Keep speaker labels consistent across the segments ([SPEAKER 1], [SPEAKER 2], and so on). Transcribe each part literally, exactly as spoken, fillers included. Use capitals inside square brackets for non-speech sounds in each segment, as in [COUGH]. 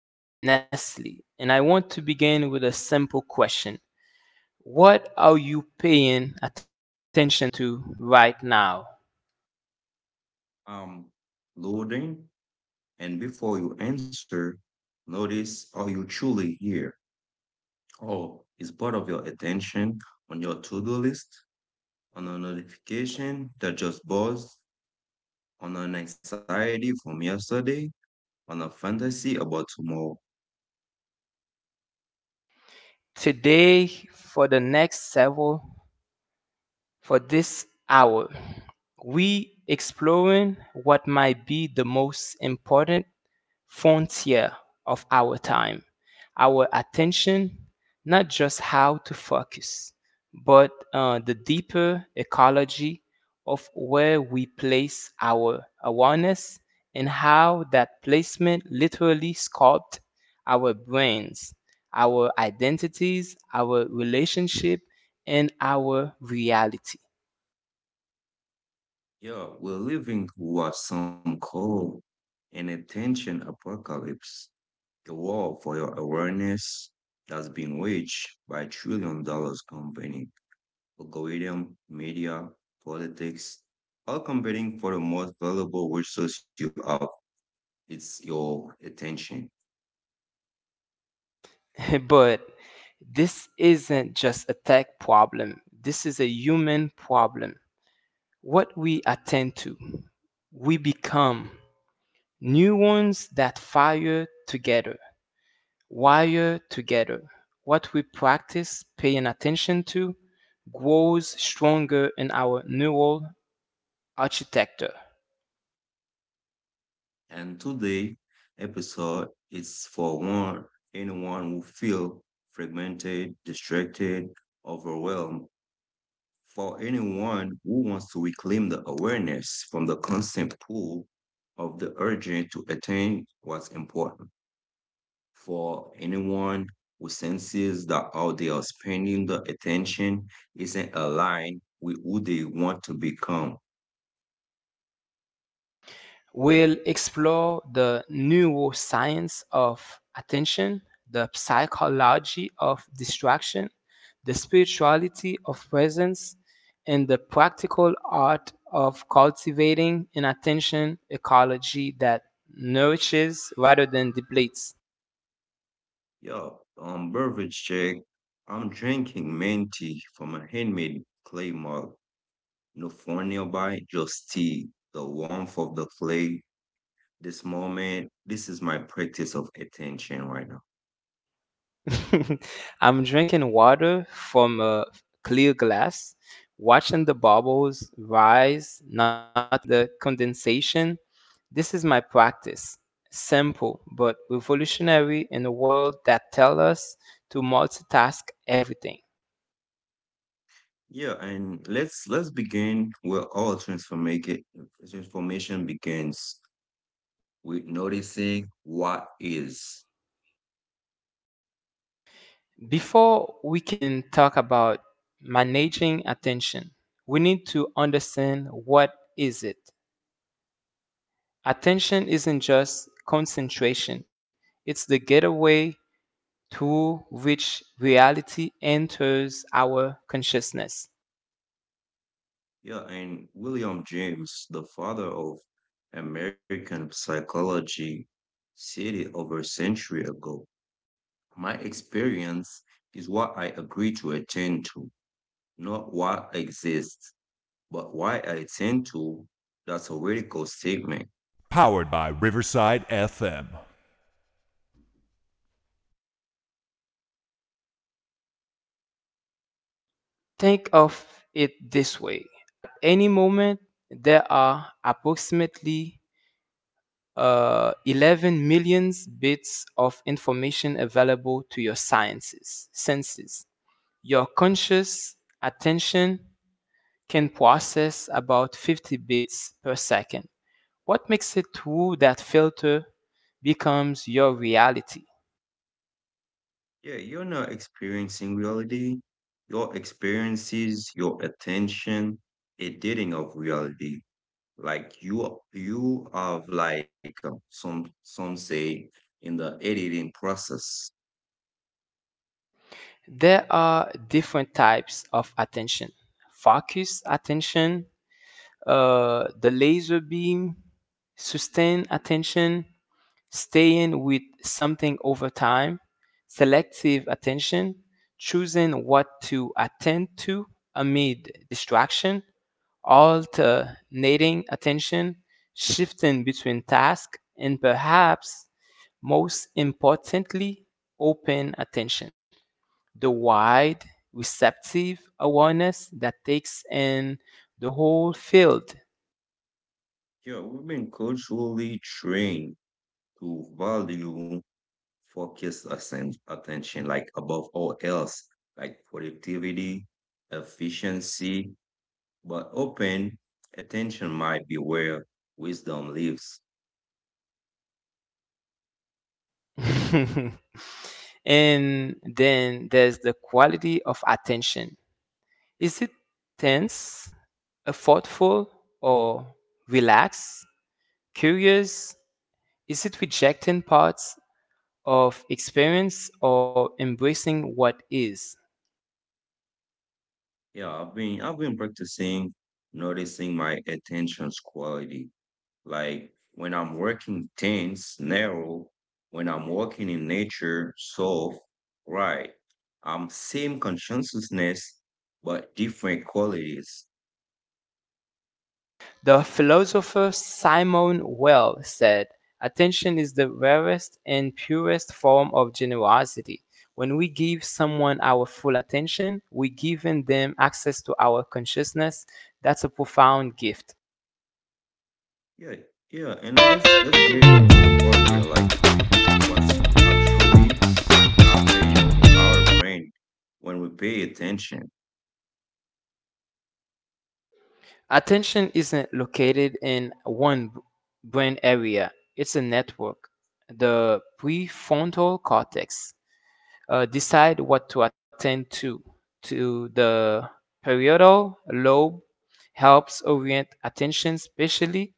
[SPEAKER 1] I'm Nestle, and I want to begin with a simple question. What are you paying attention to right now?
[SPEAKER 2] um, Loading, and before you answer, notice, are you truly here? Or is part of your attention on your to do list, on a notification that just buzzed, on an anxiety from yesterday, on a fantasy about tomorrow?
[SPEAKER 1] Today, for the next several, for this hour, we exploring what might be the most important frontier of our time, our attention, not just how to focus, but uh, the deeper ecology of where we place our awareness and how that placement literally sculpts our brains, our identities, our relationship, and our reality.
[SPEAKER 2] Yeah, we're living what some call an attention apocalypse, a war for your awareness that's being waged by trillion dollars company algorithm, media, politics, all competing for the most valuable resource you have. It's your attention.
[SPEAKER 1] [LAUGHS] But this isn't just a tech problem. This is a human problem. What we attend to, we become neurons that fire together, wire together. What we practice paying attention to grows stronger in our neural architecture.
[SPEAKER 2] And today episode is for one, anyone who feel fragmented, distracted, overwhelmed. For anyone who wants to reclaim the awareness from the constant pull of the urgent to attain what's important. For anyone who senses that how they are spending the attention isn't aligned with who they want to become.
[SPEAKER 1] We'll explore the neuroscience of attention, the psychology of distraction, the spirituality of presence, and the practical art of cultivating an attention ecology that nourishes rather than depletes.
[SPEAKER 2] Yo, um, beverage check. I'm drinking minty from a handmade clay mug. No phone nearby, just tea, the warmth of the clay. This moment, this is my practice of attention right now.
[SPEAKER 1] [LAUGHS] I'm drinking water from a clear glass, watching the bubbles rise, noticing the condensation. This is my practice. Simple, but revolutionary in a world that tells us to multitask everything.
[SPEAKER 2] Yeah, and let's let's begin where all transformation transformation begins with noticing what is.
[SPEAKER 1] Before we can talk about managing attention, we need to understand what is it. Attention isn't just concentration. It's the gateway through which reality enters our consciousness.
[SPEAKER 2] Yeah, and William James, the father of American psychology, said it over a century ago. My experience is what I agree to attend to, not what exists, but why I attend to. That's a radical statement.
[SPEAKER 1] Think of it this way. At any moment, there are approximately uh, eleven million bits of information available to your sciences, senses. Your conscious attention can process about fifty bits per second. What makes it through that filter becomes your reality.
[SPEAKER 2] Yeah, you're not experiencing reality. Your experiences, your attention, editing of reality. Like you, you have like uh, some some say in the editing process.
[SPEAKER 1] There are different types of attention focus attention, uh, the laser beam, sustained attention, staying with something over time, selective attention, choosing what to attend to amid distraction, alternating attention, shifting between tasks, and perhaps most importantly, open attention. The wide, receptive awareness that takes in the whole field.
[SPEAKER 2] Yeah, we've been culturally trained to value focus assen- attention like above all else, like productivity, efficiency. But open attention might be where wisdom lives.
[SPEAKER 1] [LAUGHS] And then there's the quality of attention. Is it tense, uh, thoughtful, or relaxed, curious? Is it rejecting parts of experience or embracing what is?
[SPEAKER 2] Yeah, I've been I've been practicing noticing my attention's quality. Like when I'm working tense, narrow, when I'm working in nature, soft, right. I'm same consciousness but different qualities.
[SPEAKER 1] The philosopher Simone Weil said, "Attention is the rarest and purest form of generosity. When we give someone our full attention, we're giving them access to our consciousness. That's a profound gift."
[SPEAKER 2] Yeah, yeah. And let's let's get into the part where like what's actually happen in our brain when we pay attention.
[SPEAKER 1] Attention isn't located in one b- brain area, it's a network, the prefrontal cortex. Uh, decide what to attend to. To the parietal lobe helps orient attention, especially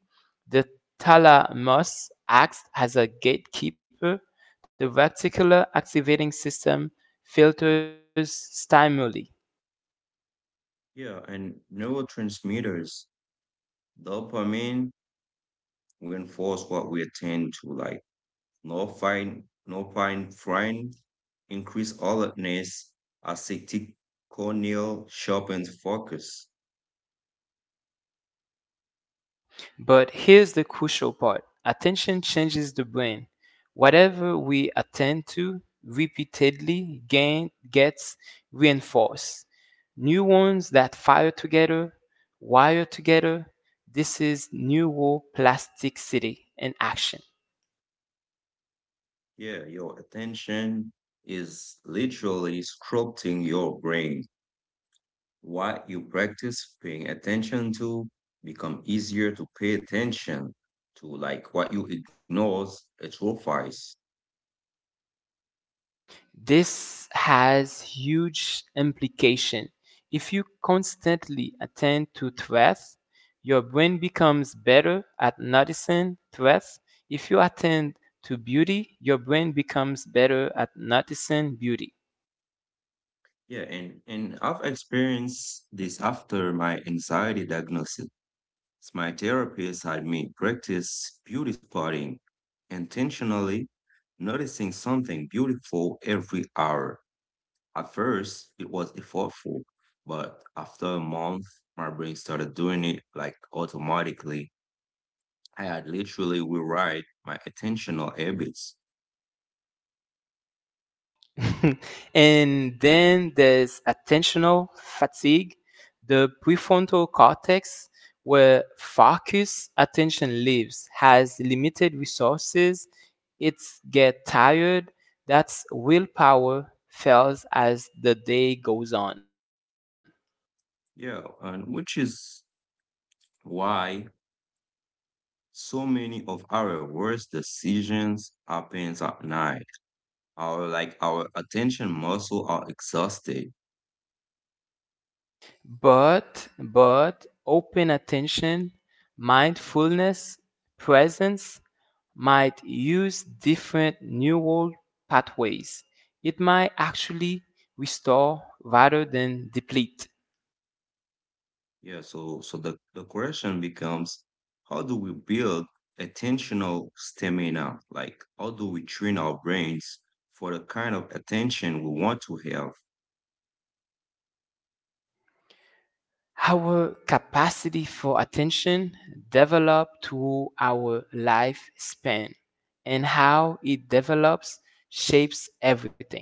[SPEAKER 1] the thalamus acts as a gatekeeper. The reticular activating system filters stimuli.
[SPEAKER 2] Yeah, and neurotransmitters, dopamine reinforce what we attend to, like no fine, no fine frying, increase alertness, ascetic corneal sharpens focus.
[SPEAKER 1] But here's the crucial part attention changes the brain. Whatever we attend to repeatedly gain, gets reinforced. Neurons that fire together wire together. This is neuroplasticity in action.
[SPEAKER 2] Yeah, your attention is literally sculpting your brain. What you practice paying attention to become easier to pay attention to, like what you ignores atrophies.
[SPEAKER 1] This has huge implication. If you constantly attend to threats, your brain becomes better at noticing threats. If you attend to beauty, your brain becomes better at noticing beauty.
[SPEAKER 2] Yeah, and and I've experienced this after my anxiety diagnosis. My therapist had me practice beauty spotting, intentionally noticing something beautiful every hour. At first, it was effortful, but after a month, my brain started doing it like automatically. I had literally rewrite my attentional habits.
[SPEAKER 1] [LAUGHS] And then there's attentional fatigue, the prefrontal cortex, where focus attention lives, has limited resources, it's get tired, that's willpower fails as the day goes on.
[SPEAKER 2] Yeah, and which is why so many of our worst decisions happens at night. Our like our attention muscle are exhausted.
[SPEAKER 1] But, but open attention, mindfulness, presence might use different neural pathways. It might actually restore rather than deplete.
[SPEAKER 2] Yeah, so so the, the question becomes, how do we build attentional stamina? Like how do we train our brains for the kind of attention we want to have?
[SPEAKER 1] Our capacity for attention develops through our lifespan, and how it develops shapes everything.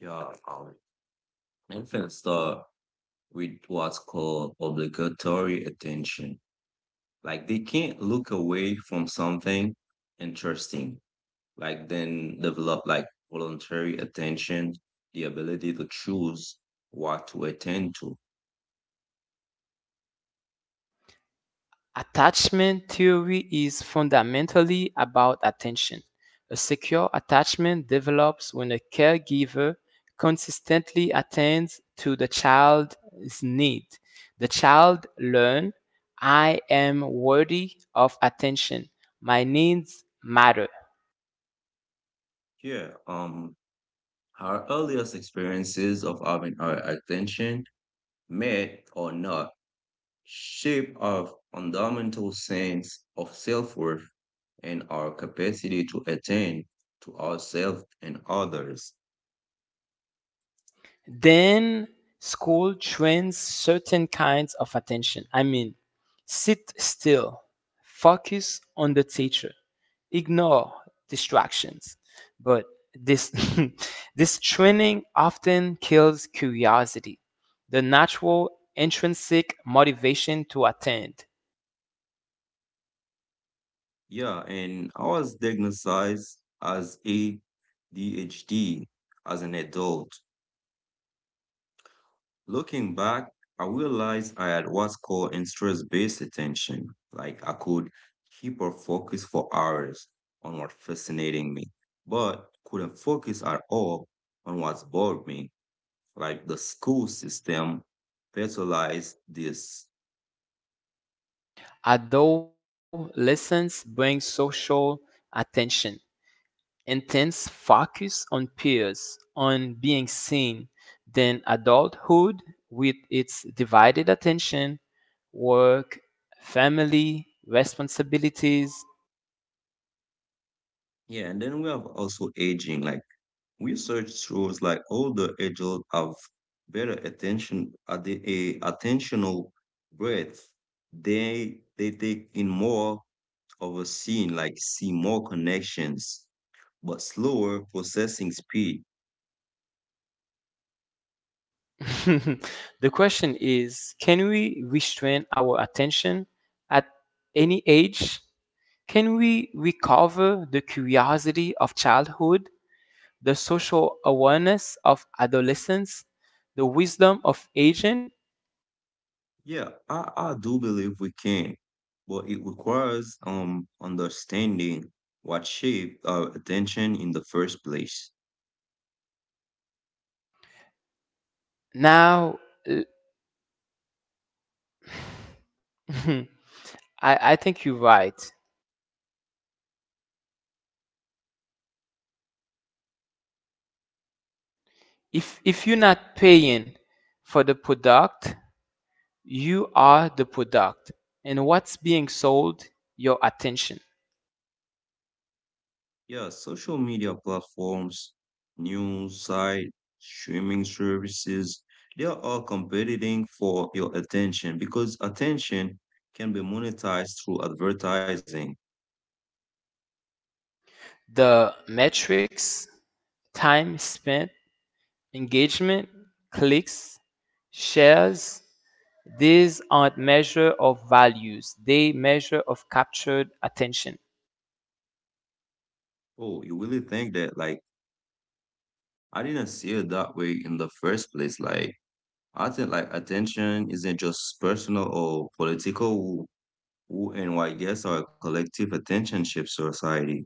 [SPEAKER 2] Yeah, um, infants start with what's called obligatory attention. Like they can't look away from something interesting. Like then develop like voluntary attention, the ability to choose what to attend to.
[SPEAKER 1] Attachment theory is fundamentally about attention. A secure attachment develops when a caregiver consistently attends to the child's need. The child learns, I am worthy of attention. My needs matter.
[SPEAKER 2] Yeah, um our earliest experiences of having our attention, met or not, shape our fundamental sense of self worth and our capacity to attend to ourselves and others.
[SPEAKER 1] Then school trains certain kinds of attention. I mean, sit still, focus on the teacher, ignore distractions. But this [LAUGHS] this training often kills curiosity, the natural intrinsic motivation to attend.
[SPEAKER 2] Yeah, and I was diagnosed as A D H D as an adult. Looking back, I realized I had what's called interest-based attention. Like I could hyper focus for hours on what fascinating me, but couldn't focus at all on what's bored me. Like the school system fertilized this.
[SPEAKER 1] Adolescence brings social attention, intense focus on peers, on being seen. Then adulthood with its divided attention, work, family, responsibilities.
[SPEAKER 2] Yeah, and then we have also aging. Like research shows like older adults have better attention at the a attentional breadth. They they take in more overseeing, like see more connections, but slower processing speed.
[SPEAKER 1] [LAUGHS] The question is can we restrain our attention at any age? Can we recover the curiosity of childhood, the social awareness of adolescence, the wisdom of aging?
[SPEAKER 2] Yeah, I, I do believe we can, but it requires um understanding what shaped our attention in the first place.
[SPEAKER 1] Now, l- [LAUGHS] I, I think you're right. If, if you're not paying for the product, you are the product. And what's being sold? Your attention.
[SPEAKER 2] Yeah, social media platforms, news site, streaming services, they are all competing for your attention because attention can be monetized through advertising.
[SPEAKER 1] The metrics time spent, engagement, clicks, shares these aren't measure of values. They measure of captured attention.
[SPEAKER 2] Oh, you really think that like I didn't see it that way in the first place. Like I think like attention isn't just personal or political. Who, and why guess are a collective attention shift society.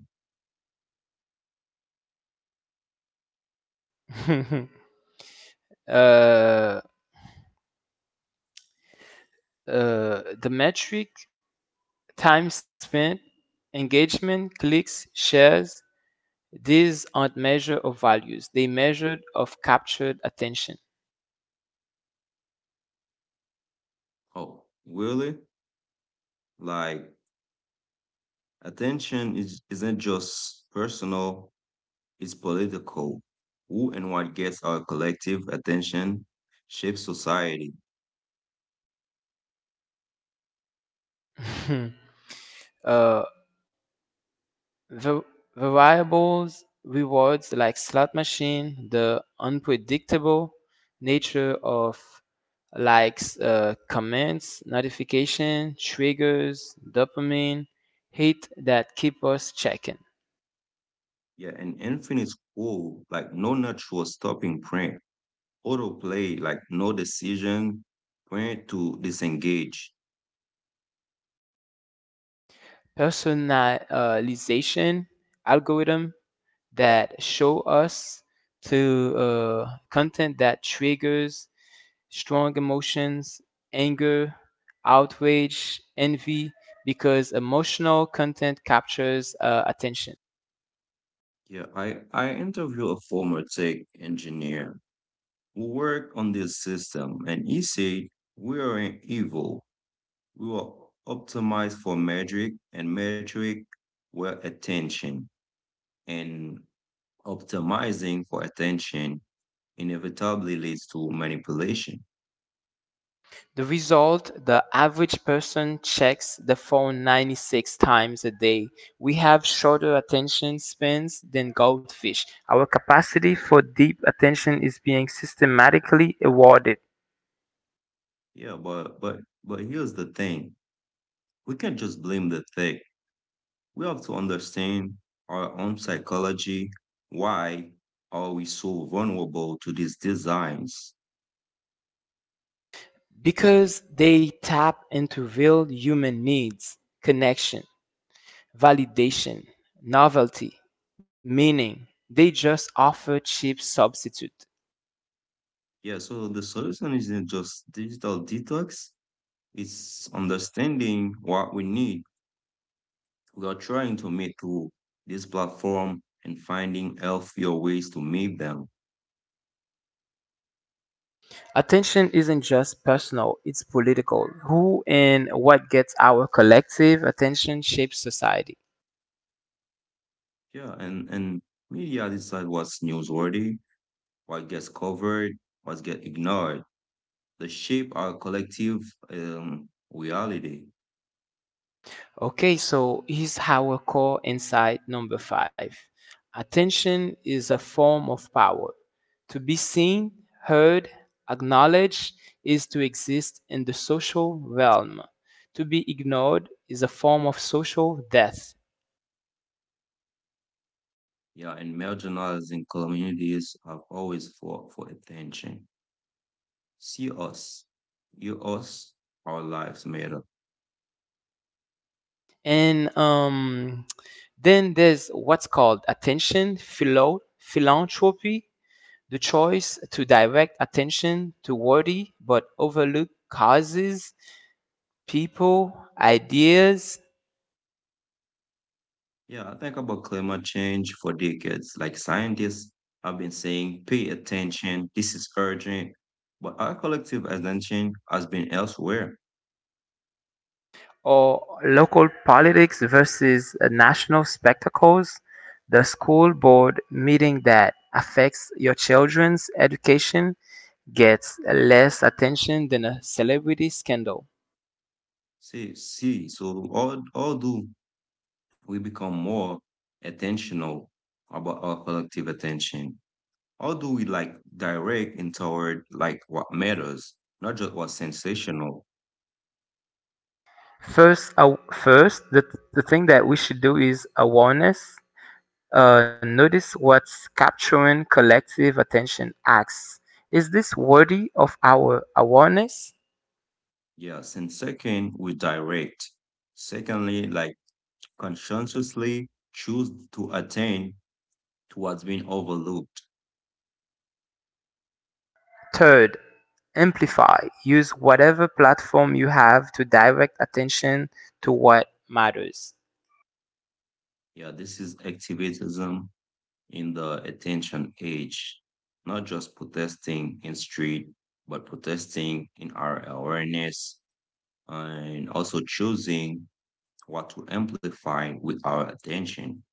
[SPEAKER 1] [LAUGHS] uh, uh, the metric time spent, engagement, clicks, shares these aren't measure of values. They measured of captured attention.
[SPEAKER 2] Oh, really? Like attention is isn't just personal. It's political. Who and what gets our collective attention shapes society.
[SPEAKER 1] [LAUGHS] uh, The variables rewards like slot machine, the unpredictable nature of likes, uh, comments, notification, triggers, dopamine, hit that keep us checking.
[SPEAKER 2] Yeah, an infinite whole, like no natural stopping point. Autoplay, like no decision when to disengage.
[SPEAKER 1] Personalization algorithm that show us to uh, content that triggers strong emotions, anger, outrage, envy, because emotional content captures uh, attention.
[SPEAKER 2] Yeah, I, I interviewed a former tech engineer who worked on this system, and he said, we are in evil. We are optimized for metric, and metric were attention. And optimizing for attention inevitably leads to manipulation.
[SPEAKER 1] The result the average person checks the phone ninety-six times a day. We have shorter attention spans than goldfish. Our capacity for deep attention is being systematically awarded.
[SPEAKER 2] Yeah, but but but here's the thing: we can't just blame the tech. We have to understand our own psychology. Why are we so vulnerable to these designs?
[SPEAKER 1] Because they tap into real human needs connection, validation, novelty, meaning. They just offer cheap substitute.
[SPEAKER 2] Yeah, so the solution isn't just digital detox, it's understanding what we need. We are trying to meet through this platform and finding healthier ways to meet them.
[SPEAKER 1] Attention isn't just personal, it's political. Who and what gets our collective attention shapes society.
[SPEAKER 2] Yeah, and, and media decide what's newsworthy, what gets covered, what gets ignored. They shape our collective um, reality.
[SPEAKER 1] Okay, so here's our core insight number five. Attention is a form of power. To be seen, heard, acknowledged is to exist in the social realm. To be ignored is a form of social death.
[SPEAKER 2] Yeah, and marginalizing communities have always fought for attention. See us, you us, our lives matter.
[SPEAKER 1] And um, then there's what's called attention, philo- philanthropy, the choice to direct attention to worthy but overlooked causes people, ideas,
[SPEAKER 2] Yeah, I think about climate change for decades. Like scientists have been saying, pay attention, this is urgent. But our collective attention has been elsewhere.
[SPEAKER 1] or local politics versus uh, national spectacles, the school board meeting that affects your children's education gets uh, less attention than a celebrity scandal.
[SPEAKER 2] See, see, so all, all do we become more attentional about our collective attention? How do we like direct and toward like what matters, not just what's sensational?
[SPEAKER 1] First, uh, first the, the thing that we should do is awareness. Uh, notice what's capturing collective attention. Acts. Is this worthy of our awareness?
[SPEAKER 2] Yes. And second, we direct. Secondly, like conscientiously choose to attain to what's been overlooked.
[SPEAKER 1] Third, amplify. Use whatever platform you have to direct attention to what matters.
[SPEAKER 2] Yeah, this is activism in the attention age, not just protesting in street, but protesting in our awareness and also choosing what to amplify with our attention.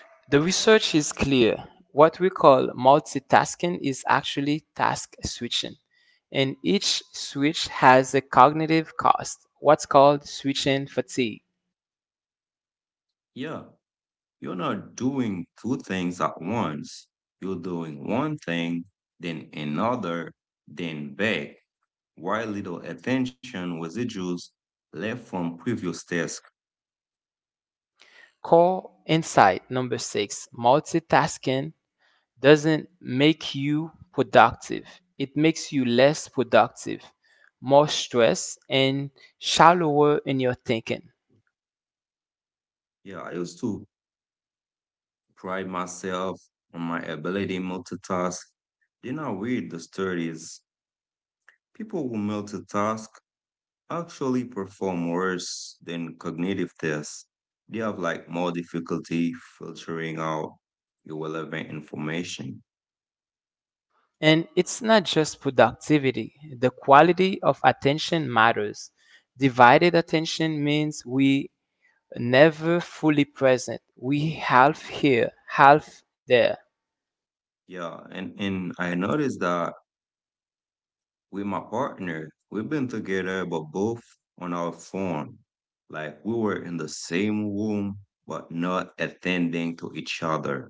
[SPEAKER 1] The research is clear. What we call multitasking is actually task switching, and each switch has a cognitive cost, what's called switching fatigue.
[SPEAKER 2] Yeah. You're not doing two things at once. You're doing one thing, then another, then back. While little attention residues left from previous tasks?
[SPEAKER 1] Core insight number six multitasking doesn't make you productive. It makes you less productive, more stressed, and shallower in your thinking.
[SPEAKER 2] Yeah, I used to pride myself on my ability to multitask. Then I read the studies. People who multitask actually perform worse than cognitive tests. They have like more difficulty filtering out irrelevant information.
[SPEAKER 1] And it's not just productivity, the quality of attention matters. Divided attention means we never fully present. We half here, half there.
[SPEAKER 2] Yeah, and and I noticed that with my partner, we've been together, but both on our phone. Like we were in the same room, but not attending to each other.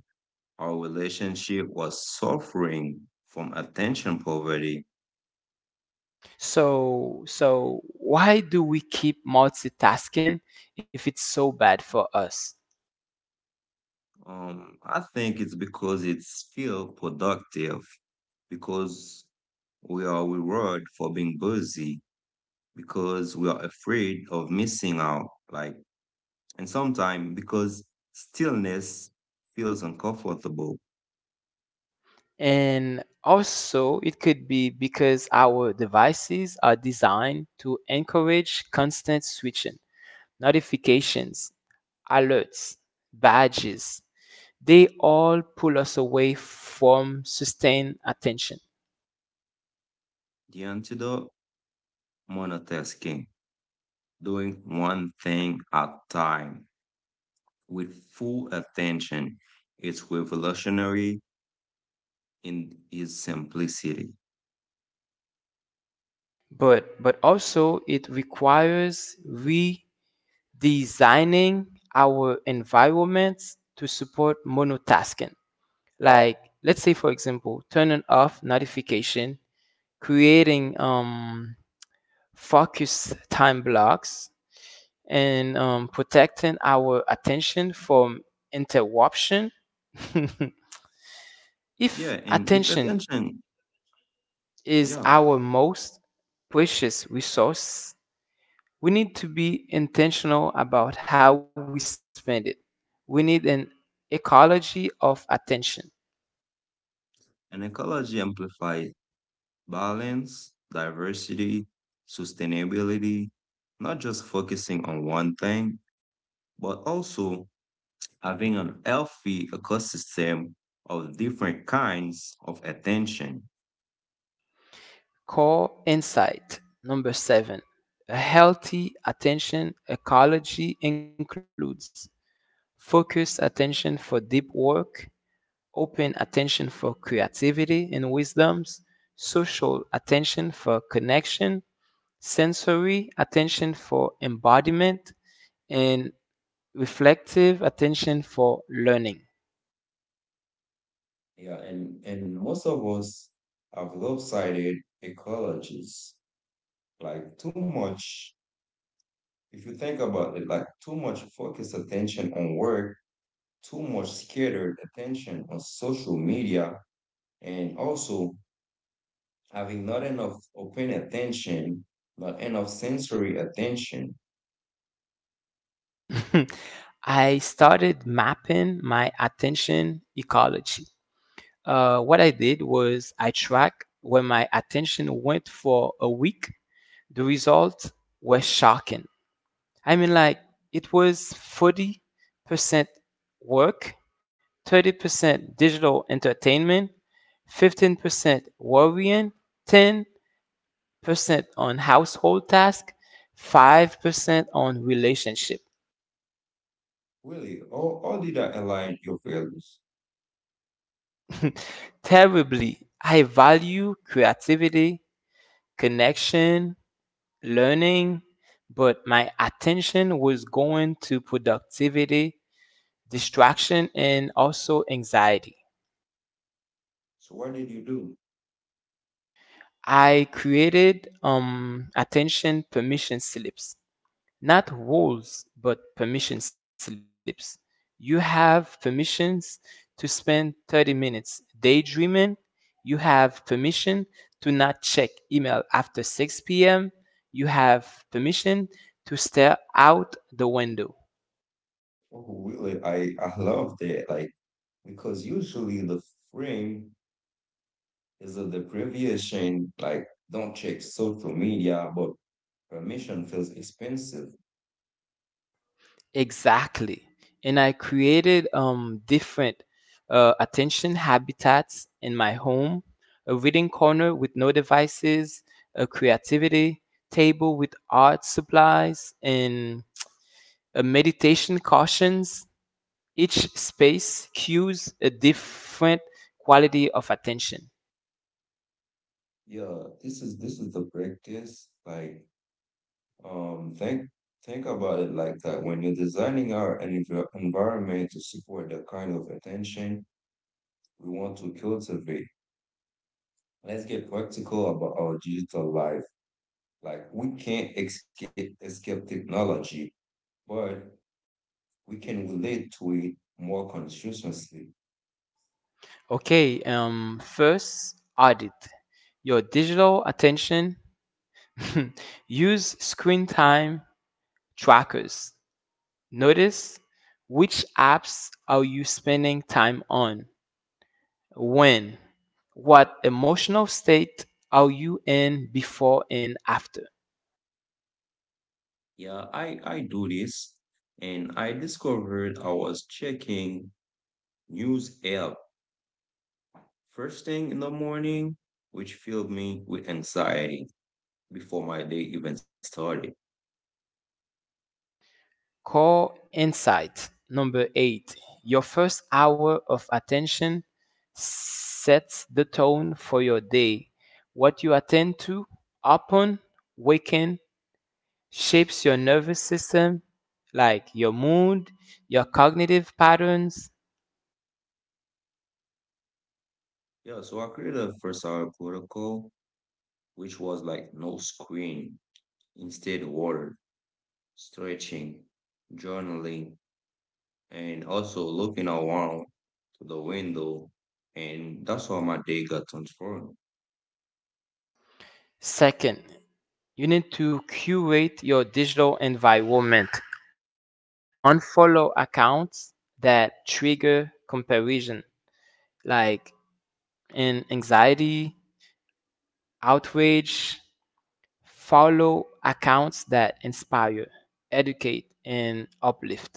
[SPEAKER 2] Our relationship was suffering from attention poverty.
[SPEAKER 1] So so why do we keep multitasking if it's so bad for us?
[SPEAKER 2] Um, I think it's because it's still productive, because we are rewarded for being busy, because we are afraid of missing out. Like and sometimes, because stillness feels uncomfortable,
[SPEAKER 1] And also, it could be because our devices are designed to encourage constant switching. Notifications, alerts, badges, they all pull us away from sustained attention.
[SPEAKER 2] the antidote monotasking, doing one thing at time with full attention, it's revolutionary in its simplicity.
[SPEAKER 1] But, but also, it requires redesigning our environments to support monotasking. Like, let's say, for example, turning off notification creating um, focused time blocks, and um, protecting our attention from interruption. [LAUGHS] If
[SPEAKER 2] Yeah, and if
[SPEAKER 1] attention
[SPEAKER 2] attention,
[SPEAKER 1] is
[SPEAKER 2] yeah,
[SPEAKER 1] our most precious resource, we need to be intentional about how we spend it. We need an ecology of attention.
[SPEAKER 2] an ecology amplifies balance, diversity, sustainability, not just focusing on one thing, but also having an healthy ecosystem of different kinds of attention.
[SPEAKER 1] Core insight number seven. A healthy attention ecology includes focused attention for deep work, open attention for creativity and wisdoms, social attention for connection, sensory attention for embodiment, and reflective attention for learning.
[SPEAKER 2] Yeah, and, and most of us have lopsided ecologies. Like too much, if you think about it, like too much focused attention on work, too much scattered attention on social media, and also having not enough open attention, not enough sensory attention.
[SPEAKER 1] [LAUGHS] I started mapping my attention ecology. Uh, what I did was I tracked where my attention went for a week. The results were shocking. I mean, like, it was forty percent work, thirty percent digital entertainment, fifteen percent worrying, ten percent on household tasks, five percent on relationship.
[SPEAKER 2] Really, all, all did that align your values?
[SPEAKER 1] Terribly, I value creativity, connection, learning, but my attention was going to productivity, distraction, and also anxiety.
[SPEAKER 2] So what did you do?
[SPEAKER 1] I created um, attention permission slips, not rules, but permission slips. You have permissions to spend thirty minutes daydreaming. You have permission to not check email after six p m. You have permission to stare out the window.
[SPEAKER 2] Oh, really? I, I love that. Like, because usually the frame is a deprivation, like, don't check social media, but permission feels expensive.
[SPEAKER 1] Exactly. And I created um, different uh, attention habitats in my home a reading corner with no devices, a creativity table with art supplies, and a meditation cautions. Each space cues a different quality of attention.
[SPEAKER 2] Yeah, this is this is the practice. Like, um, think think about it like that. When you're designing our env- environment to support the kind of attention we want to cultivate, let's get practical about our digital life. Like, we can't escape escape technology. But we can relate to it more consciously.
[SPEAKER 1] Okay, um, first, audit your digital attention. [LAUGHS] Use screen time trackers Notice which apps are you spending time on? When? What emotional state are you in before and after?
[SPEAKER 2] Yeah, I, I do this and I discovered I was checking news app first thing in the morning, which filled me with anxiety before my day even started.
[SPEAKER 1] Core insight number eight your first hour of attention sets the tone for your day. What you attend to upon waking shapes your nervous system, like your mood, your cognitive patterns.
[SPEAKER 2] Yeah, so I created a first hour protocol, which was like no screen, instead water, stretching, journaling, and also looking around to the window and that's how my day got transformed.
[SPEAKER 1] Second, you need to curate your digital environment. Unfollow accounts that trigger comparison, like in anxiety, outrage. Follow accounts that inspire, educate, and uplift.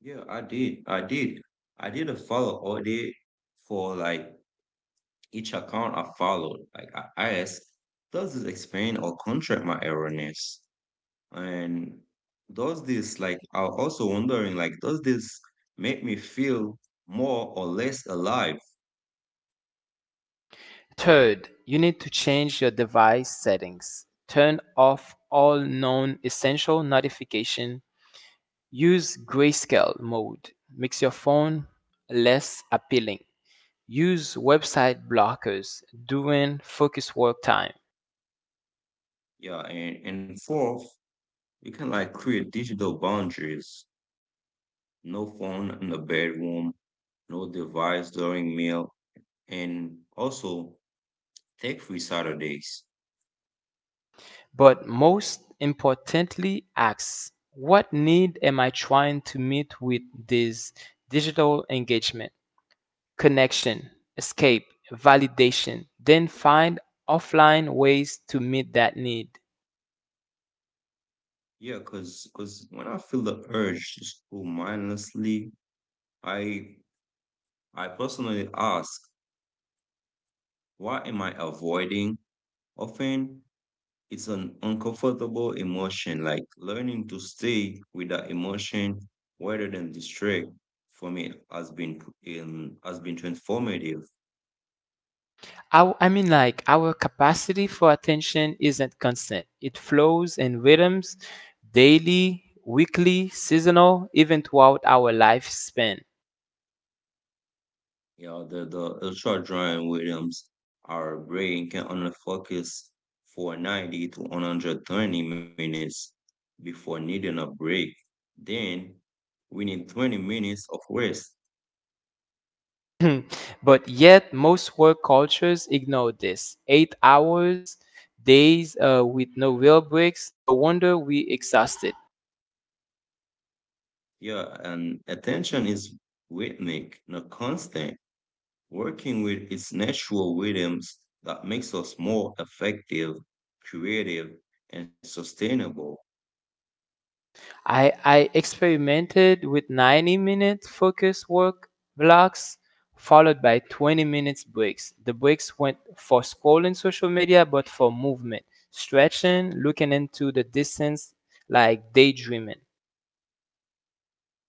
[SPEAKER 2] Yeah, I did. I did. I did a follow all day for like each account I followed. Like I I asked, does this explain or contract my erroneous? And does this like I also wondering like does this make me feel more or less alive?
[SPEAKER 1] Third, you need to change your device settings. Turn off all non essential notification. Use grayscale mode. Makes your phone less appealing. Use website blockers during focus work time,
[SPEAKER 2] Yeah, and, and fourth, you can like create digital boundaries no phone in the bedroom, no device during meal, and also take free Saturdays.
[SPEAKER 1] but most importantly, ask what need am I trying to meet with this digital engagement? Connection, escape, validation, then find offline ways to meet that need.
[SPEAKER 2] Yeah, cause cause when I feel the urge to scroll mindlessly, I I personally ask, why am I avoiding? Often it's an uncomfortable emotion, like learning to stay with that emotion rather than distract for me has been in has been transformative.
[SPEAKER 1] Our, I mean, like, Our capacity for attention isn't constant, it flows in rhythms daily, weekly, seasonal, even throughout our lifespan.
[SPEAKER 2] Yeah, the, the ultra drawing rhythms, our brain can only focus for ninety to one hundred twenty minutes before needing a break. Then we need twenty minutes of rest.
[SPEAKER 1] [LAUGHS] But yet, most work cultures ignore this. Eight hours, days uh, with no real breaks, no wonder we exhausted.
[SPEAKER 2] Yeah, and attention is rhythmic, not constant, working with its natural rhythms that makes us more effective, creative, and sustainable.
[SPEAKER 1] I, I experimented with ninety minute focus work blocks followed by twenty minutes breaks. The breaks went for scrolling social media but for movement, stretching, looking into the distance like daydreaming.
[SPEAKER 2] And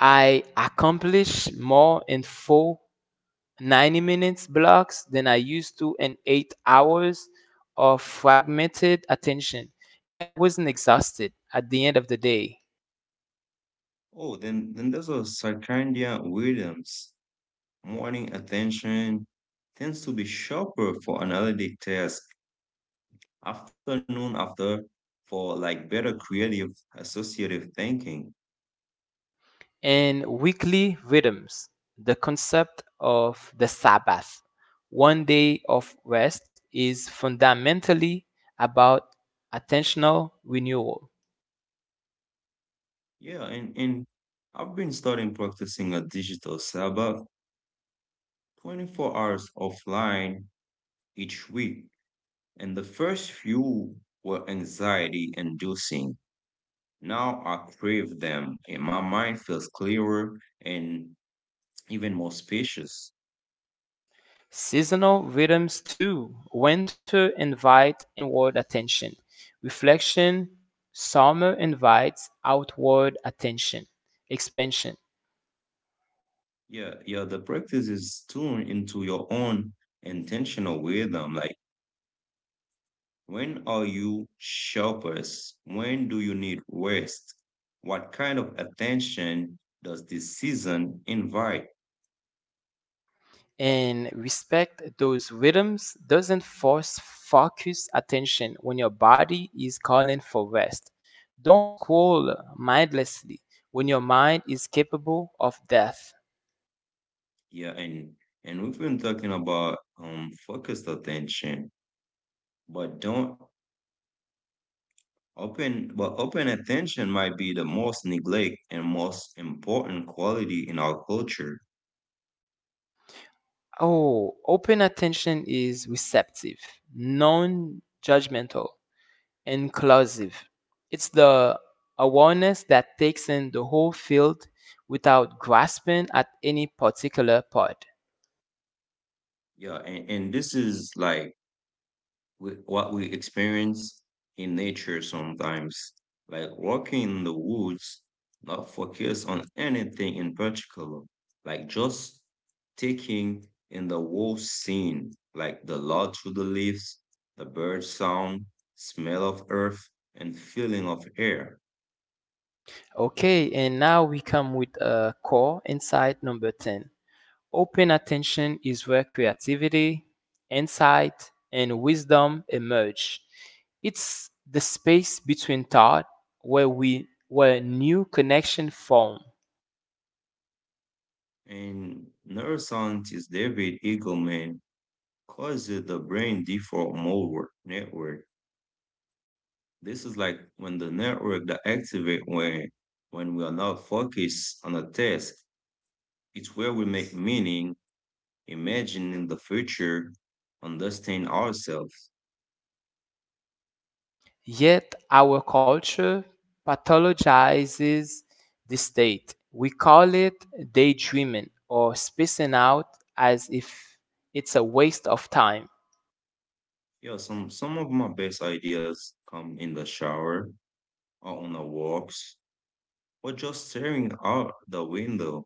[SPEAKER 1] I accomplished more in four ninety minutes blocks than I used to in eight hours of fragmented attention, and I wasn't exhausted at the end of the day.
[SPEAKER 2] oh, then then there's a circadian rhythms. Morning attention tends to be sharper for analytic tasks, afternoon after for like better creative associative thinking.
[SPEAKER 1] And weekly rhythms, the concept of the Sabbath, one day of rest, is fundamentally about attentional renewal.
[SPEAKER 2] Yeah, and, and I've been starting practicing a digital Sabbath twenty-four hours offline each week. And the first few were anxiety inducing. Now I crave them and my mind feels clearer and even more spacious.
[SPEAKER 1] Seasonal rhythms too. Winter invite inward attention. Reflection. Summer invites outward attention, expansion.
[SPEAKER 2] Yeah, yeah, the practice is tuned into your own intentional rhythm. Like, when are you sharpest? When do you need rest? What kind of attention does this season invite?
[SPEAKER 1] And respect those rhythms doesn't force focus attention when your body is calling for rest. Don't scroll mindlessly when your mind is capable of death.
[SPEAKER 2] Yeah, and and we've been talking about um focused attention, but don't open but open attention might be the most neglect and most important quality in our culture.
[SPEAKER 1] Oh, open attention is receptive, non judgmental, inclusive. It's the awareness that takes in the whole field without grasping at any particular part.
[SPEAKER 2] Yeah, and, and this is like we, what we experience in nature sometimes, like walking in the woods, not focus on anything in particular, like just taking in the whole scene, like the light through the leaves, the bird sound, smell of earth, and feeling of air.
[SPEAKER 1] Okay, and now we come with a uh, core insight number ten. Open attention is where creativity, insight, and wisdom emerge. It's the space between thought where we where new connection form.
[SPEAKER 2] And neuroscientist David Eagleman calls it the brain default mode network. This is like when the network that activate when when we are not focused on a task. It's where we make meaning, imagining the future, understand ourselves.
[SPEAKER 1] Yet our culture pathologizes the state. We call it daydreaming or spacing out as if it's a waste of time.
[SPEAKER 2] Yeah, some some of my best ideas come in the shower or on the walks or just staring out the window.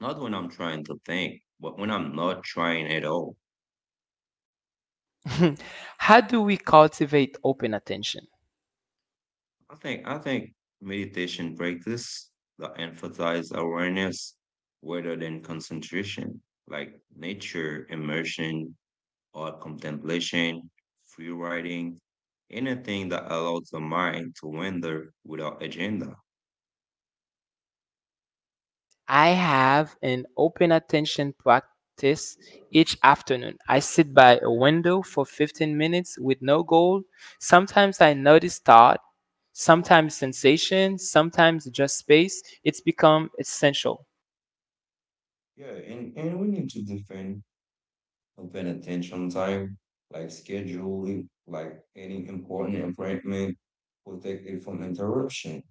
[SPEAKER 2] Not when I'm trying to think, but when I'm not trying at all.
[SPEAKER 1] [LAUGHS] How do we cultivate open attention?
[SPEAKER 2] I think I think meditation practice that emphasize awareness rather than concentration, like nature, immersion, or contemplation, free writing, anything that allows the mind to wander without agenda.
[SPEAKER 1] I have an open attention practice each afternoon. I sit by a window for fifteen minutes with no goal. Sometimes I notice thought, sometimes sensation, sometimes just space. It's become essential.
[SPEAKER 2] Yeah, and, and we need to defend open attention time, like scheduling, like any important appointment, protect it from interruption.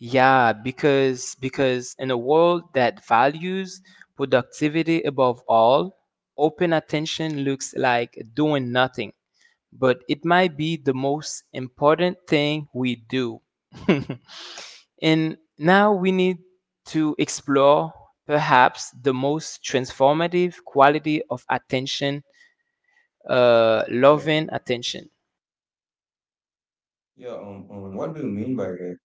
[SPEAKER 1] Yeah, because because in a world that values productivity above all, open attention looks like doing nothing, but it might be the most important thing we do. [LAUGHS] And now we need to explore perhaps the most transformative quality of attention, uh,
[SPEAKER 2] Yeah,
[SPEAKER 1] loving attention.
[SPEAKER 2] yeah. Um, um, what do you mean by that?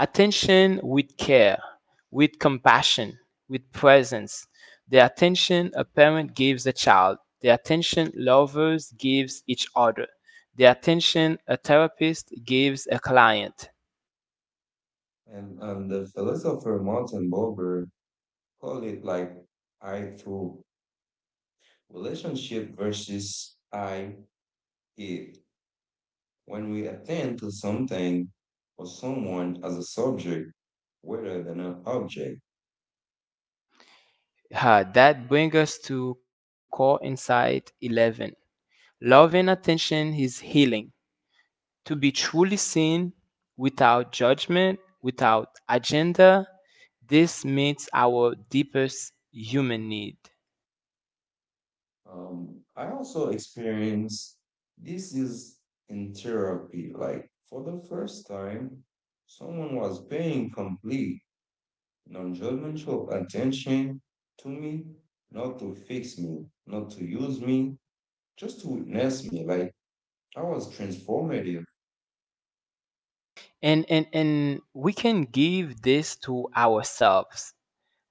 [SPEAKER 1] Attention with care, with compassion, with presence. The attention a parent gives a child, the attention lovers gives each other, the attention a therapist gives a client.
[SPEAKER 2] And, and the philosopher Martin Buber called it like I through relationship versus I it. When we attend to something or someone as a subject rather than an object.
[SPEAKER 1] Uh, that brings us to core insight eleven. Loving attention is healing. To be truly seen without judgment, without agenda, this meets our deepest human need.
[SPEAKER 2] Um, I also experienced this is in therapy. Like for the first time, someone was being complete non-judgmental attention to me, not to fix me, not to use me, just to witness me. Like I was transformative.
[SPEAKER 1] And, and, and we can give this to ourselves,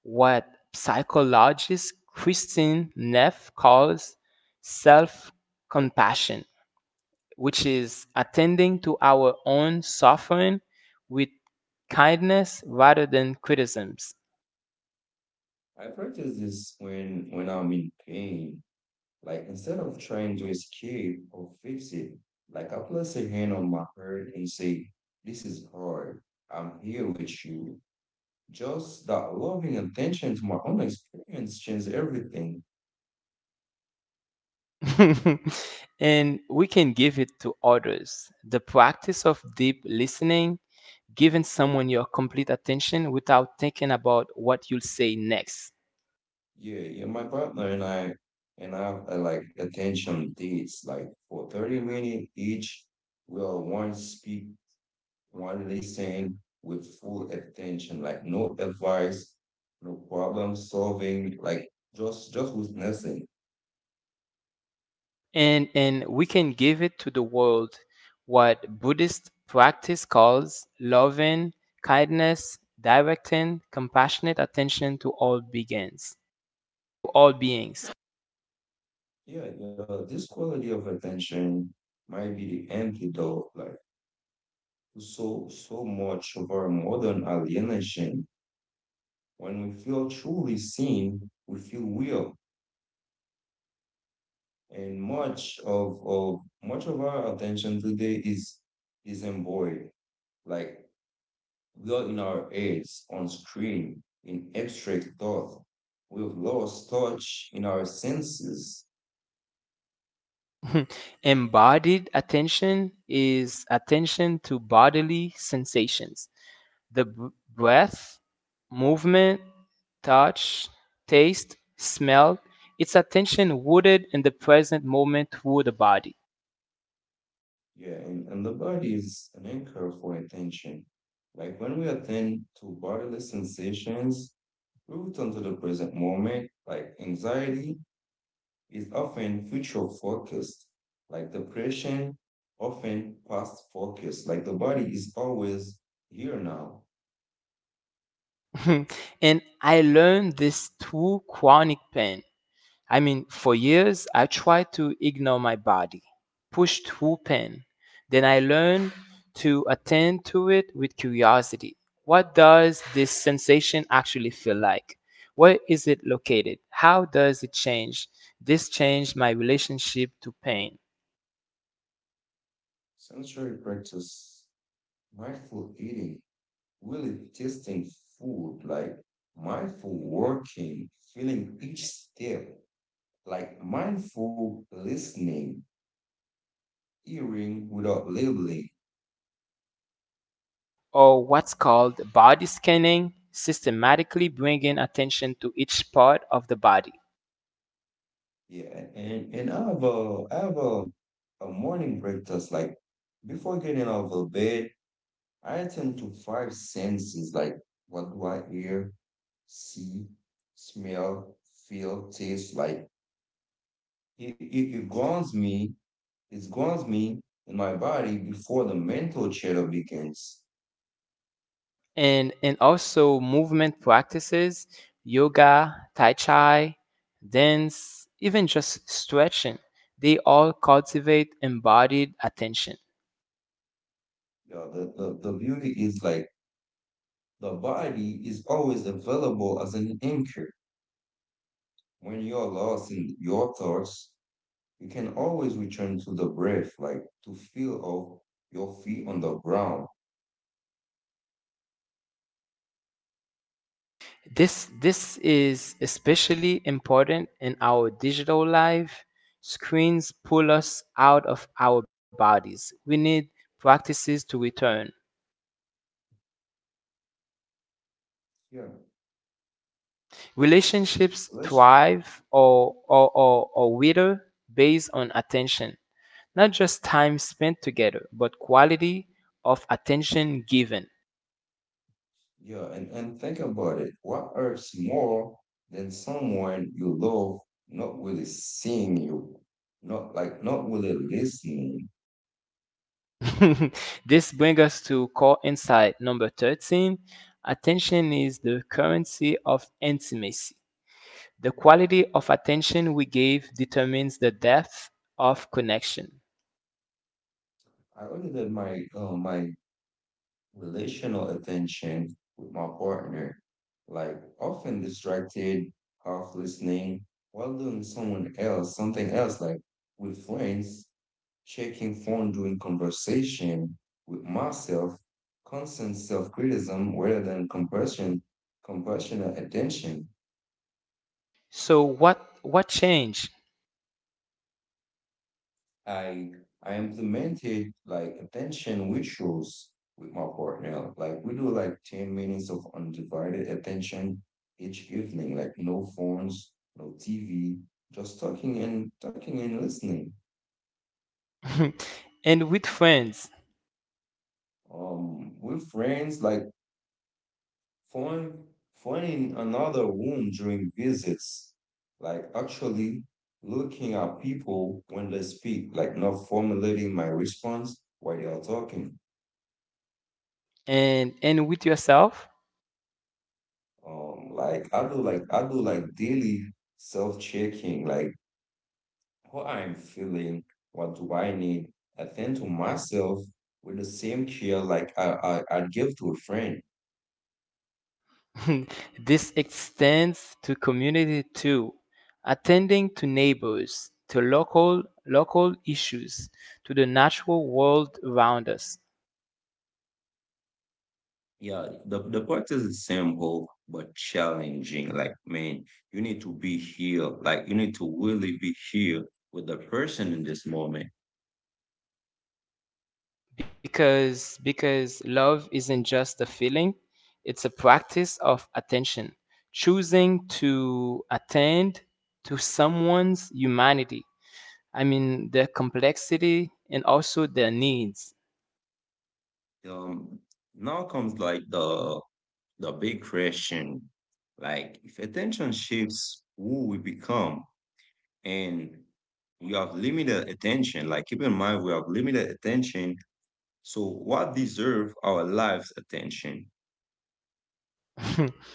[SPEAKER 1] what psychologist Christine Neff calls self compassion, which is attending to our own suffering with kindness rather than criticisms.
[SPEAKER 2] I practice this when when I'm in pain. Like instead of trying to escape or fix it, like I place a hand on my heart and say, "This is hard. I'm here with you." Just that loving attention to my own experience changed everything.
[SPEAKER 1] [LAUGHS] And we can give it to others. The practice of deep listening, giving someone your complete attention without thinking about what you'll say next.
[SPEAKER 2] Yeah, yeah, my partner and I and I have uh, like attention dates, like for thirty minutes each, we'll one speak, one listen with full attention, like no advice, no problem solving, like just just witnessing.
[SPEAKER 1] And, and we can give it to the world what Buddhist practice calls loving, kindness, directing, compassionate attention to all beings. All beings.
[SPEAKER 2] Yeah, yeah, this quality of attention might be the antidote, like so so much of our modern alienation. When we feel truly seen, we feel real and much of of much of our attention today is is embodied like we are in our heads on screen in abstract thought we've lost touch in our senses.
[SPEAKER 1] [LAUGHS] Embodied attention is attention to bodily sensations, the b- breath, movement, touch, taste, smell. It's attention rooted in the present moment through the body.
[SPEAKER 2] Yeah and, and the body is an anchor for attention like when we attend to bodily sensations we return to the present moment like anxiety is often future focused, like depression, often past focused, like the body is always here now.
[SPEAKER 1] [LAUGHS] And I learned this through chronic pain. I mean, for years, I tried to ignore my body, push through pain. Then I learned to attend to it with curiosity. What does this sensation actually feel like? Where is it located? How does it change? This changed my relationship to pain,
[SPEAKER 2] Sensory practice, mindful eating, really tasting food, like mindful working, feeling each step, like mindful listening, hearing without labeling.
[SPEAKER 1] or what's called body scanning, systematically bringing attention to each part of the body.
[SPEAKER 2] Yeah, and and I have a I have a, a morning breakfast like before getting out of bed. I attend to five senses like what do I hear, see, smell, feel, taste. Like it, it, it grounds me, it grounds me in my body before the mental chatter begins.
[SPEAKER 1] and and also movement practices, yoga, tai chi, dance, even just stretching. They all cultivate embodied attention.
[SPEAKER 2] Yeah, the, the, the beauty is like the body is always available as an anchor. When you're lost in your thoughts, you can always return to the breath, like to feel of your feet on the ground.
[SPEAKER 1] This this is especially important in our digital life. Screens pull us out of our bodies. We need practices to return.
[SPEAKER 2] Yeah.
[SPEAKER 1] Relationships
[SPEAKER 2] Let's.
[SPEAKER 1] thrive or or, or, or wither based on attention. Not just time spent together, but quality of attention given.
[SPEAKER 2] Yeah, and, and think about it. What hurts more than someone you love not really seeing you, not like not really listening?
[SPEAKER 1] [LAUGHS] This brings us to core insight number thirteen. Attention is the currency of intimacy. The quality of attention we give determines the depth of connection.
[SPEAKER 2] I really did my uh, my relational attention with my partner, like often distracted, half listening, while doing someone else, something else, like with friends, checking phone during conversation with myself, constant self-criticism rather than compassion, compassionate attention.
[SPEAKER 1] So what what changed?
[SPEAKER 2] I I implemented like attention rituals with my partner. Like we do like ten minutes of undivided attention each evening, like no phones, no T V, just talking and talking and listening.
[SPEAKER 1] [LAUGHS] And with friends.
[SPEAKER 2] Um, with friends, like Find, finding another room during visits, like actually looking at people when they speak, like not formulating my response while they are talking.
[SPEAKER 1] and and with yourself?
[SPEAKER 2] Um, like I do, like I do, like daily self-checking, like how I'm feeling, what do I need. I think to myself with the same care like I I, I give to a friend.
[SPEAKER 1] [LAUGHS] This extends to community too, attending to neighbors, to local local issues, to the natural world around us.
[SPEAKER 2] Yeah, the the practice is simple but challenging. Like, man, you need to be here. Like, you need to really be here with the person in this moment.
[SPEAKER 1] Because because love isn't just a feeling, it's a practice of attention, choosing to attend to someone's humanity. I mean their complexity and also their needs.
[SPEAKER 2] Um, Now comes like the the big question. Like, if attention shifts, who we become, and we have limited attention. Like, keep in mind, we have limited attention. So, what deserve our lives' attention?
[SPEAKER 1] [LAUGHS]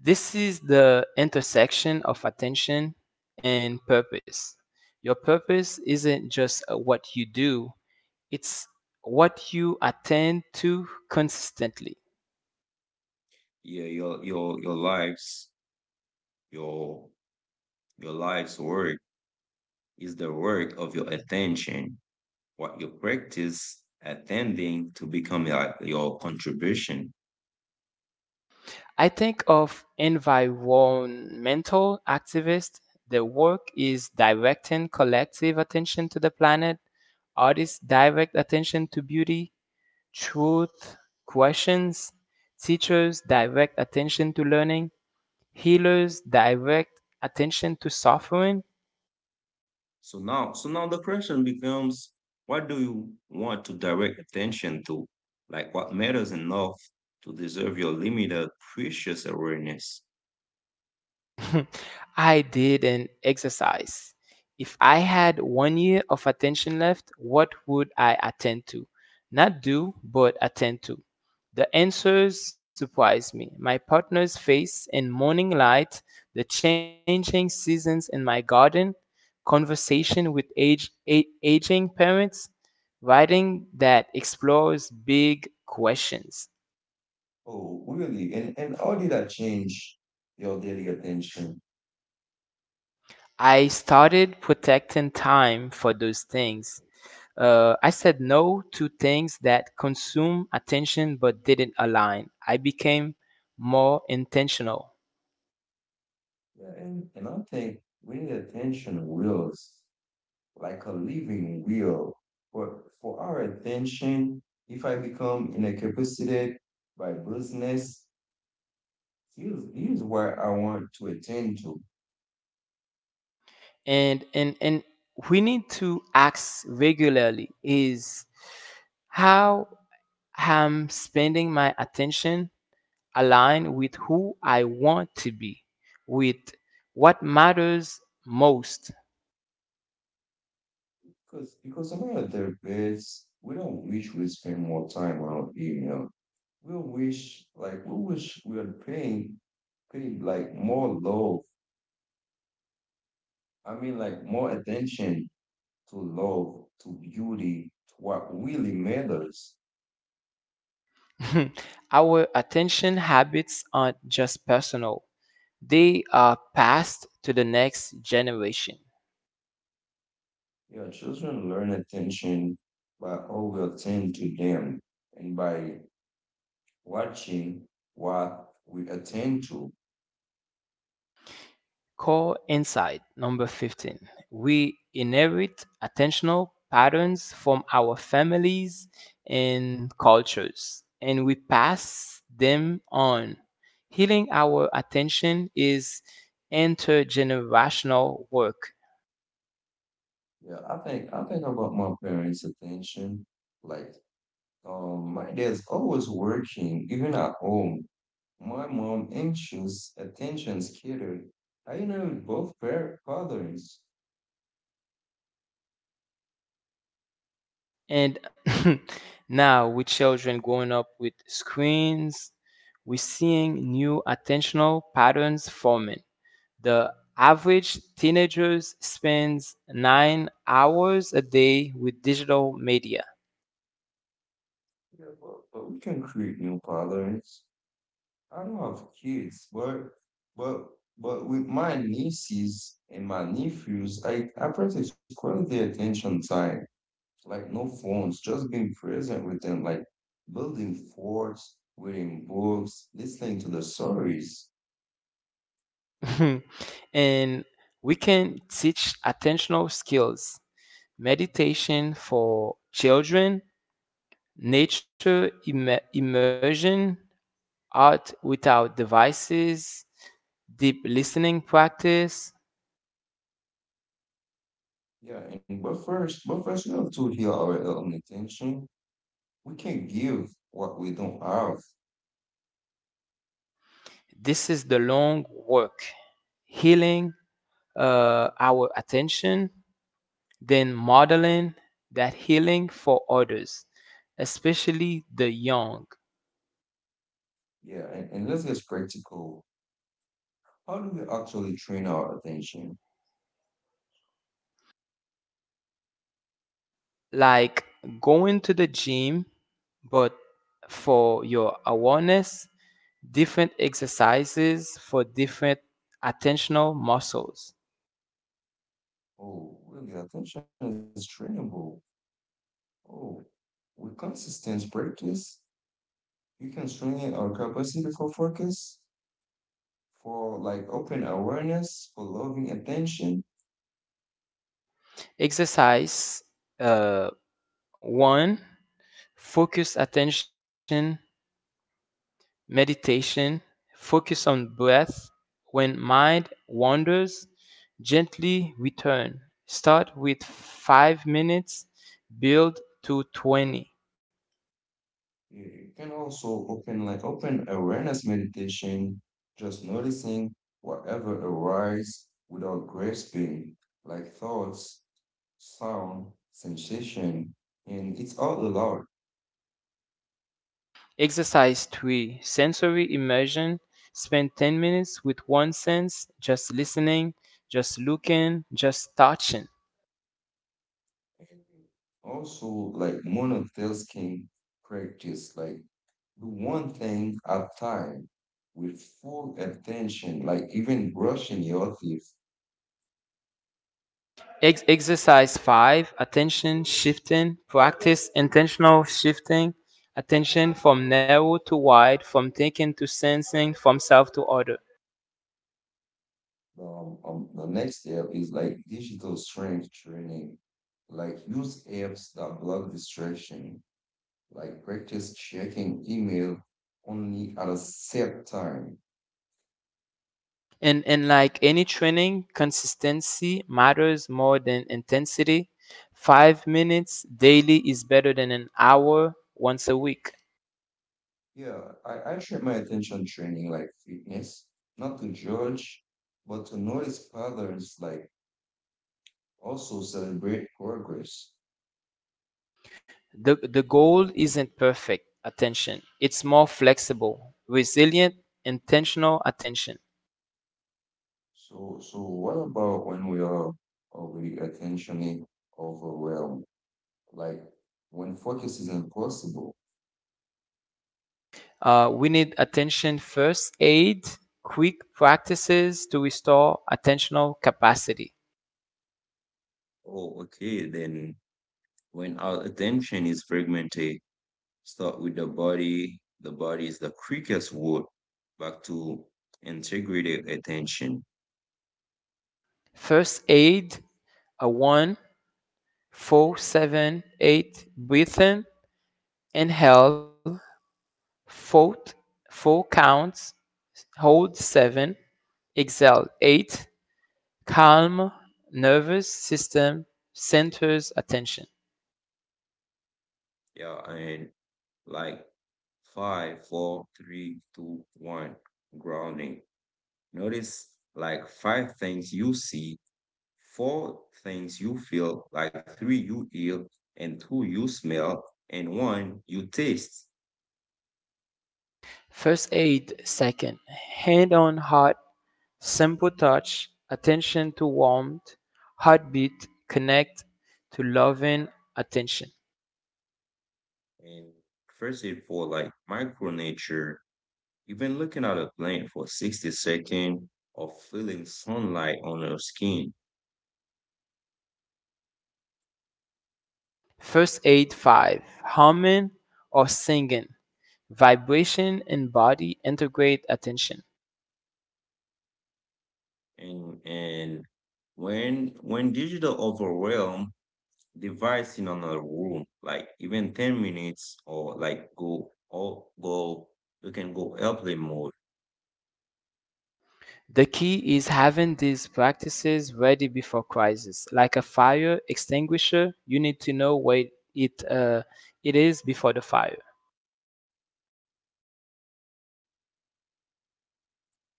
[SPEAKER 1] This is the intersection of attention and purpose. Your purpose isn't just uh, what you do, it's what you attend to consistently.
[SPEAKER 2] Yeah, your your your lives, your Your life's work is the work of your attention. What you practice attending to become your, your contribution.
[SPEAKER 1] I think of environmental activists. Their work is directing collective attention to the planet. Artists direct attention to beauty, truth, questions. Teachers direct attention to learning. Healers direct attention to suffering.
[SPEAKER 2] So now, so now the question becomes, what do you want to direct attention to? Like what matters enough to deserve your limited, precious awareness?
[SPEAKER 1] [LAUGHS] I did an exercise. If I had one year of attention left, what would I attend to? Not do, but attend to. The answers surprised me. My partner's face in morning light, the changing seasons in my garden, conversation with age, a- aging parents, writing that explores big questions.
[SPEAKER 2] Oh, really? And and how did that change your daily attention?
[SPEAKER 1] I started protecting time for those things. Uh, I said no to things that consume attention but didn't align. I became more intentional.
[SPEAKER 2] Yeah, And and I think we need attention wheels, like a living will. But for our attention, if I become incapacitated by business, here's, here's where I want to attend to.
[SPEAKER 1] And and and we need to ask regularly is how I'm spending my attention align with who I want to be, with what matters most.
[SPEAKER 2] Because because some of the best, we don't wish we spend more time on email. We wish like we wish we are paying paying like more love. I mean like more attention to love, to beauty, to what really matters.
[SPEAKER 1] [LAUGHS] Our attention habits aren't just personal, they are passed to the next generation.
[SPEAKER 2] Yeah, children learn attention by all we attend to them and by watching what we attend to.
[SPEAKER 1] Core insight number fifteen. We inherit attentional patterns from our families and cultures, and we pass them on. Healing our attention is intergenerational work.
[SPEAKER 2] Yeah, I think I think about my parents' attention. Like um my dad's always working, even at home. My mom anxious, attention scattered. I know both par- patterns.
[SPEAKER 1] And [LAUGHS] now, with children growing up with screens, we're seeing new attentional patterns forming. The average teenager spends nine hours a day with digital media.
[SPEAKER 2] Yeah, but, but we can create new patterns. I don't have kids, but but but with my nieces and my nephews, I I practice quality attention time, like no phones, just being present with them, like building forts, reading books, listening to the stories.
[SPEAKER 1] [LAUGHS] And we can teach attentional skills, meditation for children, nature immer- immersion, art without devices, deep listening practice.
[SPEAKER 2] Yeah, and but first, but first, we have to heal our own attention. We can't give what we don't have.
[SPEAKER 1] This is the long work, healing uh, our attention, then modeling that healing for others, especially the young.
[SPEAKER 2] Yeah, and, and let's get practical. How do we actually train our attention?
[SPEAKER 1] Like going to the gym, but for your awareness, different exercises for different attentional muscles.
[SPEAKER 2] Oh, really, attention is trainable. Oh, with consistent practice, you can strengthen our capacity for focus, for like open awareness, for loving attention.
[SPEAKER 1] Exercise uh, one, focused attention, meditation, focus on breath. When mind wanders, gently return. Start with five minutes, build to twenty.
[SPEAKER 2] You you can also open like open awareness meditation, just noticing whatever arises without grasping, like thoughts, sound, sensation, and it's all allowed.
[SPEAKER 1] Exercise three, sensory immersion. Spend ten minutes with one sense, just listening, just looking, just touching.
[SPEAKER 2] Also, like monotone skin practice, like do one thing at time with full attention, like even brushing your teeth.
[SPEAKER 1] Ex- exercise five, attention shifting practice, intentional shifting attention from narrow to wide, from thinking to sensing, from self to other.
[SPEAKER 2] Um, um, the next step is like digital strength training, like use apps that block distraction, like practice checking email only at a set time.
[SPEAKER 1] and and like any training, consistency matters more than intensity. five minutes daily is better than an hour once a week.
[SPEAKER 2] Yeah, I, I treat my attention training like fitness, not to judge, but to notice patterns like also celebrate progress.
[SPEAKER 1] The the goal isn't perfect attention, it's more flexible, resilient, intentional attention.
[SPEAKER 2] So, so what about when we are already attentionally overwhelmed? Like when focus is impossible.
[SPEAKER 1] Uh, we need attention first aid, quick practices to restore attentional capacity.
[SPEAKER 2] Oh, okay. Then when our attention is fragmented, start with the body. The body is the quickest route back to integrated attention.
[SPEAKER 1] First aid, a one, four, seven, eight, breathing, inhale, four, four counts, hold seven, exhale eight, calm nervous system, centers attention.
[SPEAKER 2] Yeah, and like five, four, three, two, one, grounding. Notice like five things you see, four things you feel, like three you eat, and two you smell, and one you taste.
[SPEAKER 1] First aid second, hand on heart. Simple touch, attention to warmth, heartbeat, connect to loving attention.
[SPEAKER 2] And first aid for like micro nature, even looking at a plant for sixty seconds or feeling sunlight on your skin.
[SPEAKER 1] First aid five. Humming or singing. Vibration and body integrate attention.
[SPEAKER 2] And and when when digital overwhelm device in another room, like even ten minutes or like go or go you can go airplane mode.
[SPEAKER 1] The key is having these practices ready before crisis. Like a fire extinguisher, you need to know where it, uh, it is before the fire.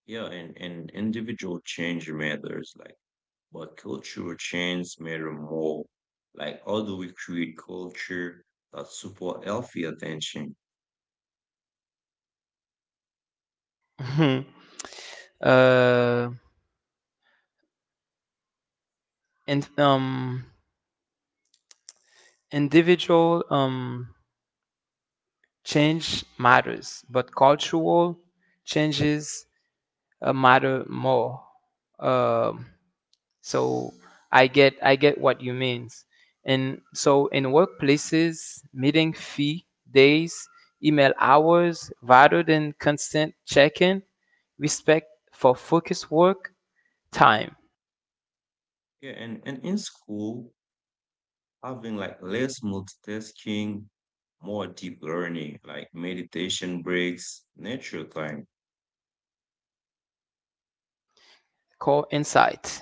[SPEAKER 2] Yeah, and, and individual change matters, like, but cultural change matter more. Like, how do we create culture that support healthy attention?
[SPEAKER 1] [LAUGHS] uh, and um, Individual um, change matters, but cultural changes uh, matter more. Um, so I get I get what you means. And so in workplaces, meeting fee days, email hours, rather than constant check-in, respect for focus work time,
[SPEAKER 2] Yeah, and, and in school, having like less multitasking, more deep learning, like meditation breaks, nature time.
[SPEAKER 1] core insight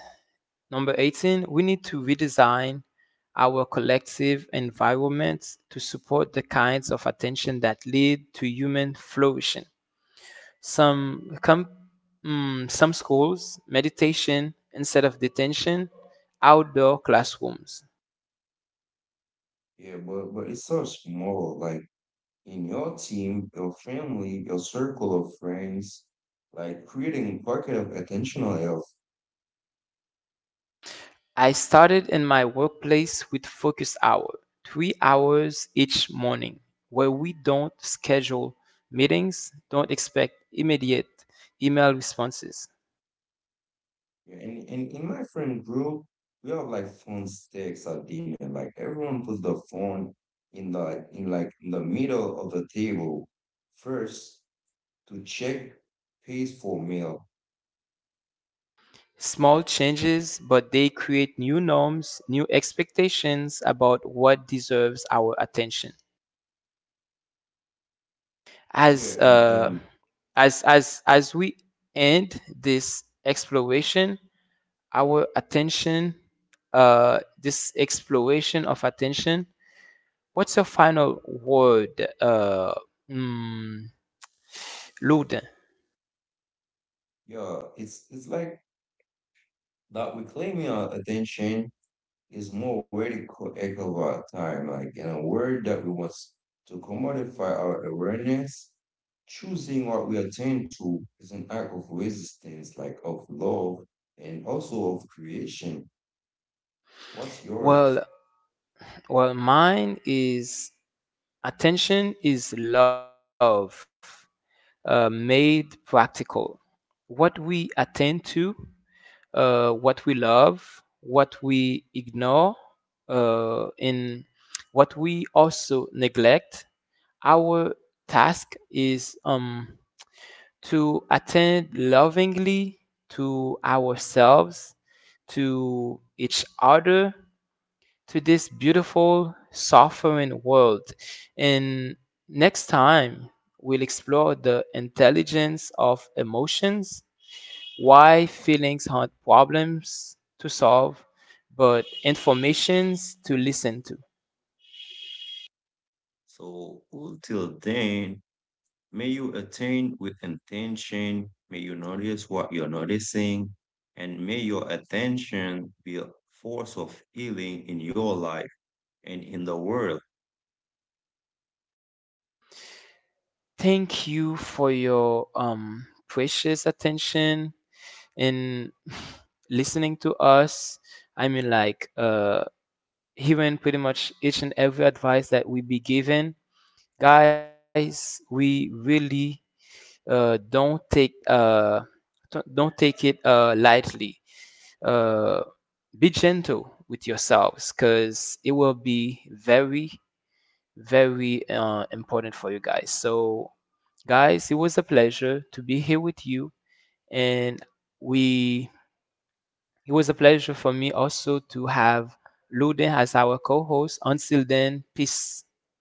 [SPEAKER 1] number eighteen, we need to redesign our collective environments to support the kinds of attention that lead to human flourishing. Some, com- mm, some schools, meditation instead of detention, outdoor classrooms.
[SPEAKER 2] Yeah, but but it's so small. Like in your team, your family, your circle of friends, like creating pocket of attentional health.
[SPEAKER 1] I started in my workplace with focus hour, three hours each morning, where we don't schedule meetings, don't expect immediate email responses.
[SPEAKER 2] Yeah, and, and in my friend group, we have like phone sticks at dinner. Like everyone puts the phone in the in like in the middle of the table first to check pays for mail.
[SPEAKER 1] Small changes, but they create new norms, new expectations about what deserves our attention.
[SPEAKER 2] Yeah,
[SPEAKER 1] As
[SPEAKER 2] and
[SPEAKER 1] uh,
[SPEAKER 2] and
[SPEAKER 1] as as as we end this exploration, our attention, uh, this exploration of attention. What's your final word, uh, mm, Luden?
[SPEAKER 2] yeah, it's it's like that we're claiming our attention is more radical echo of our time, like in a word that we want to commodify our awareness, choosing what we attend to is an act of resistance, like of love and also of creation. What's yours?
[SPEAKER 1] Well, well, mine is attention is love, uh, made practical. What we attend to, uh, what we love, what we ignore, uh, and what we also neglect. Our task is um, to attend lovingly to ourselves, to each other, to this beautiful, sovereign world. And next time, we'll explore the intelligence of emotions, why feelings aren't problems to solve, but informations to listen to.
[SPEAKER 2] So until then, may you attend with intention, may you notice what you're noticing, and may your attention be a force of healing in your life and in the world.
[SPEAKER 1] Thank you for your um, precious attention and [LAUGHS] [SIGHS] listening to us. I mean, like, uh, hearing pretty much each and every advice that we be given. Guys, we really uh, don't take uh, don't don't take it uh, lightly. uh, be gentle with yourselves because it will be very very uh, important for you guys. So guys, it was a pleasure to be here with you. And we it was a pleasure for me also to have Luden as our co-host. Until then, peace.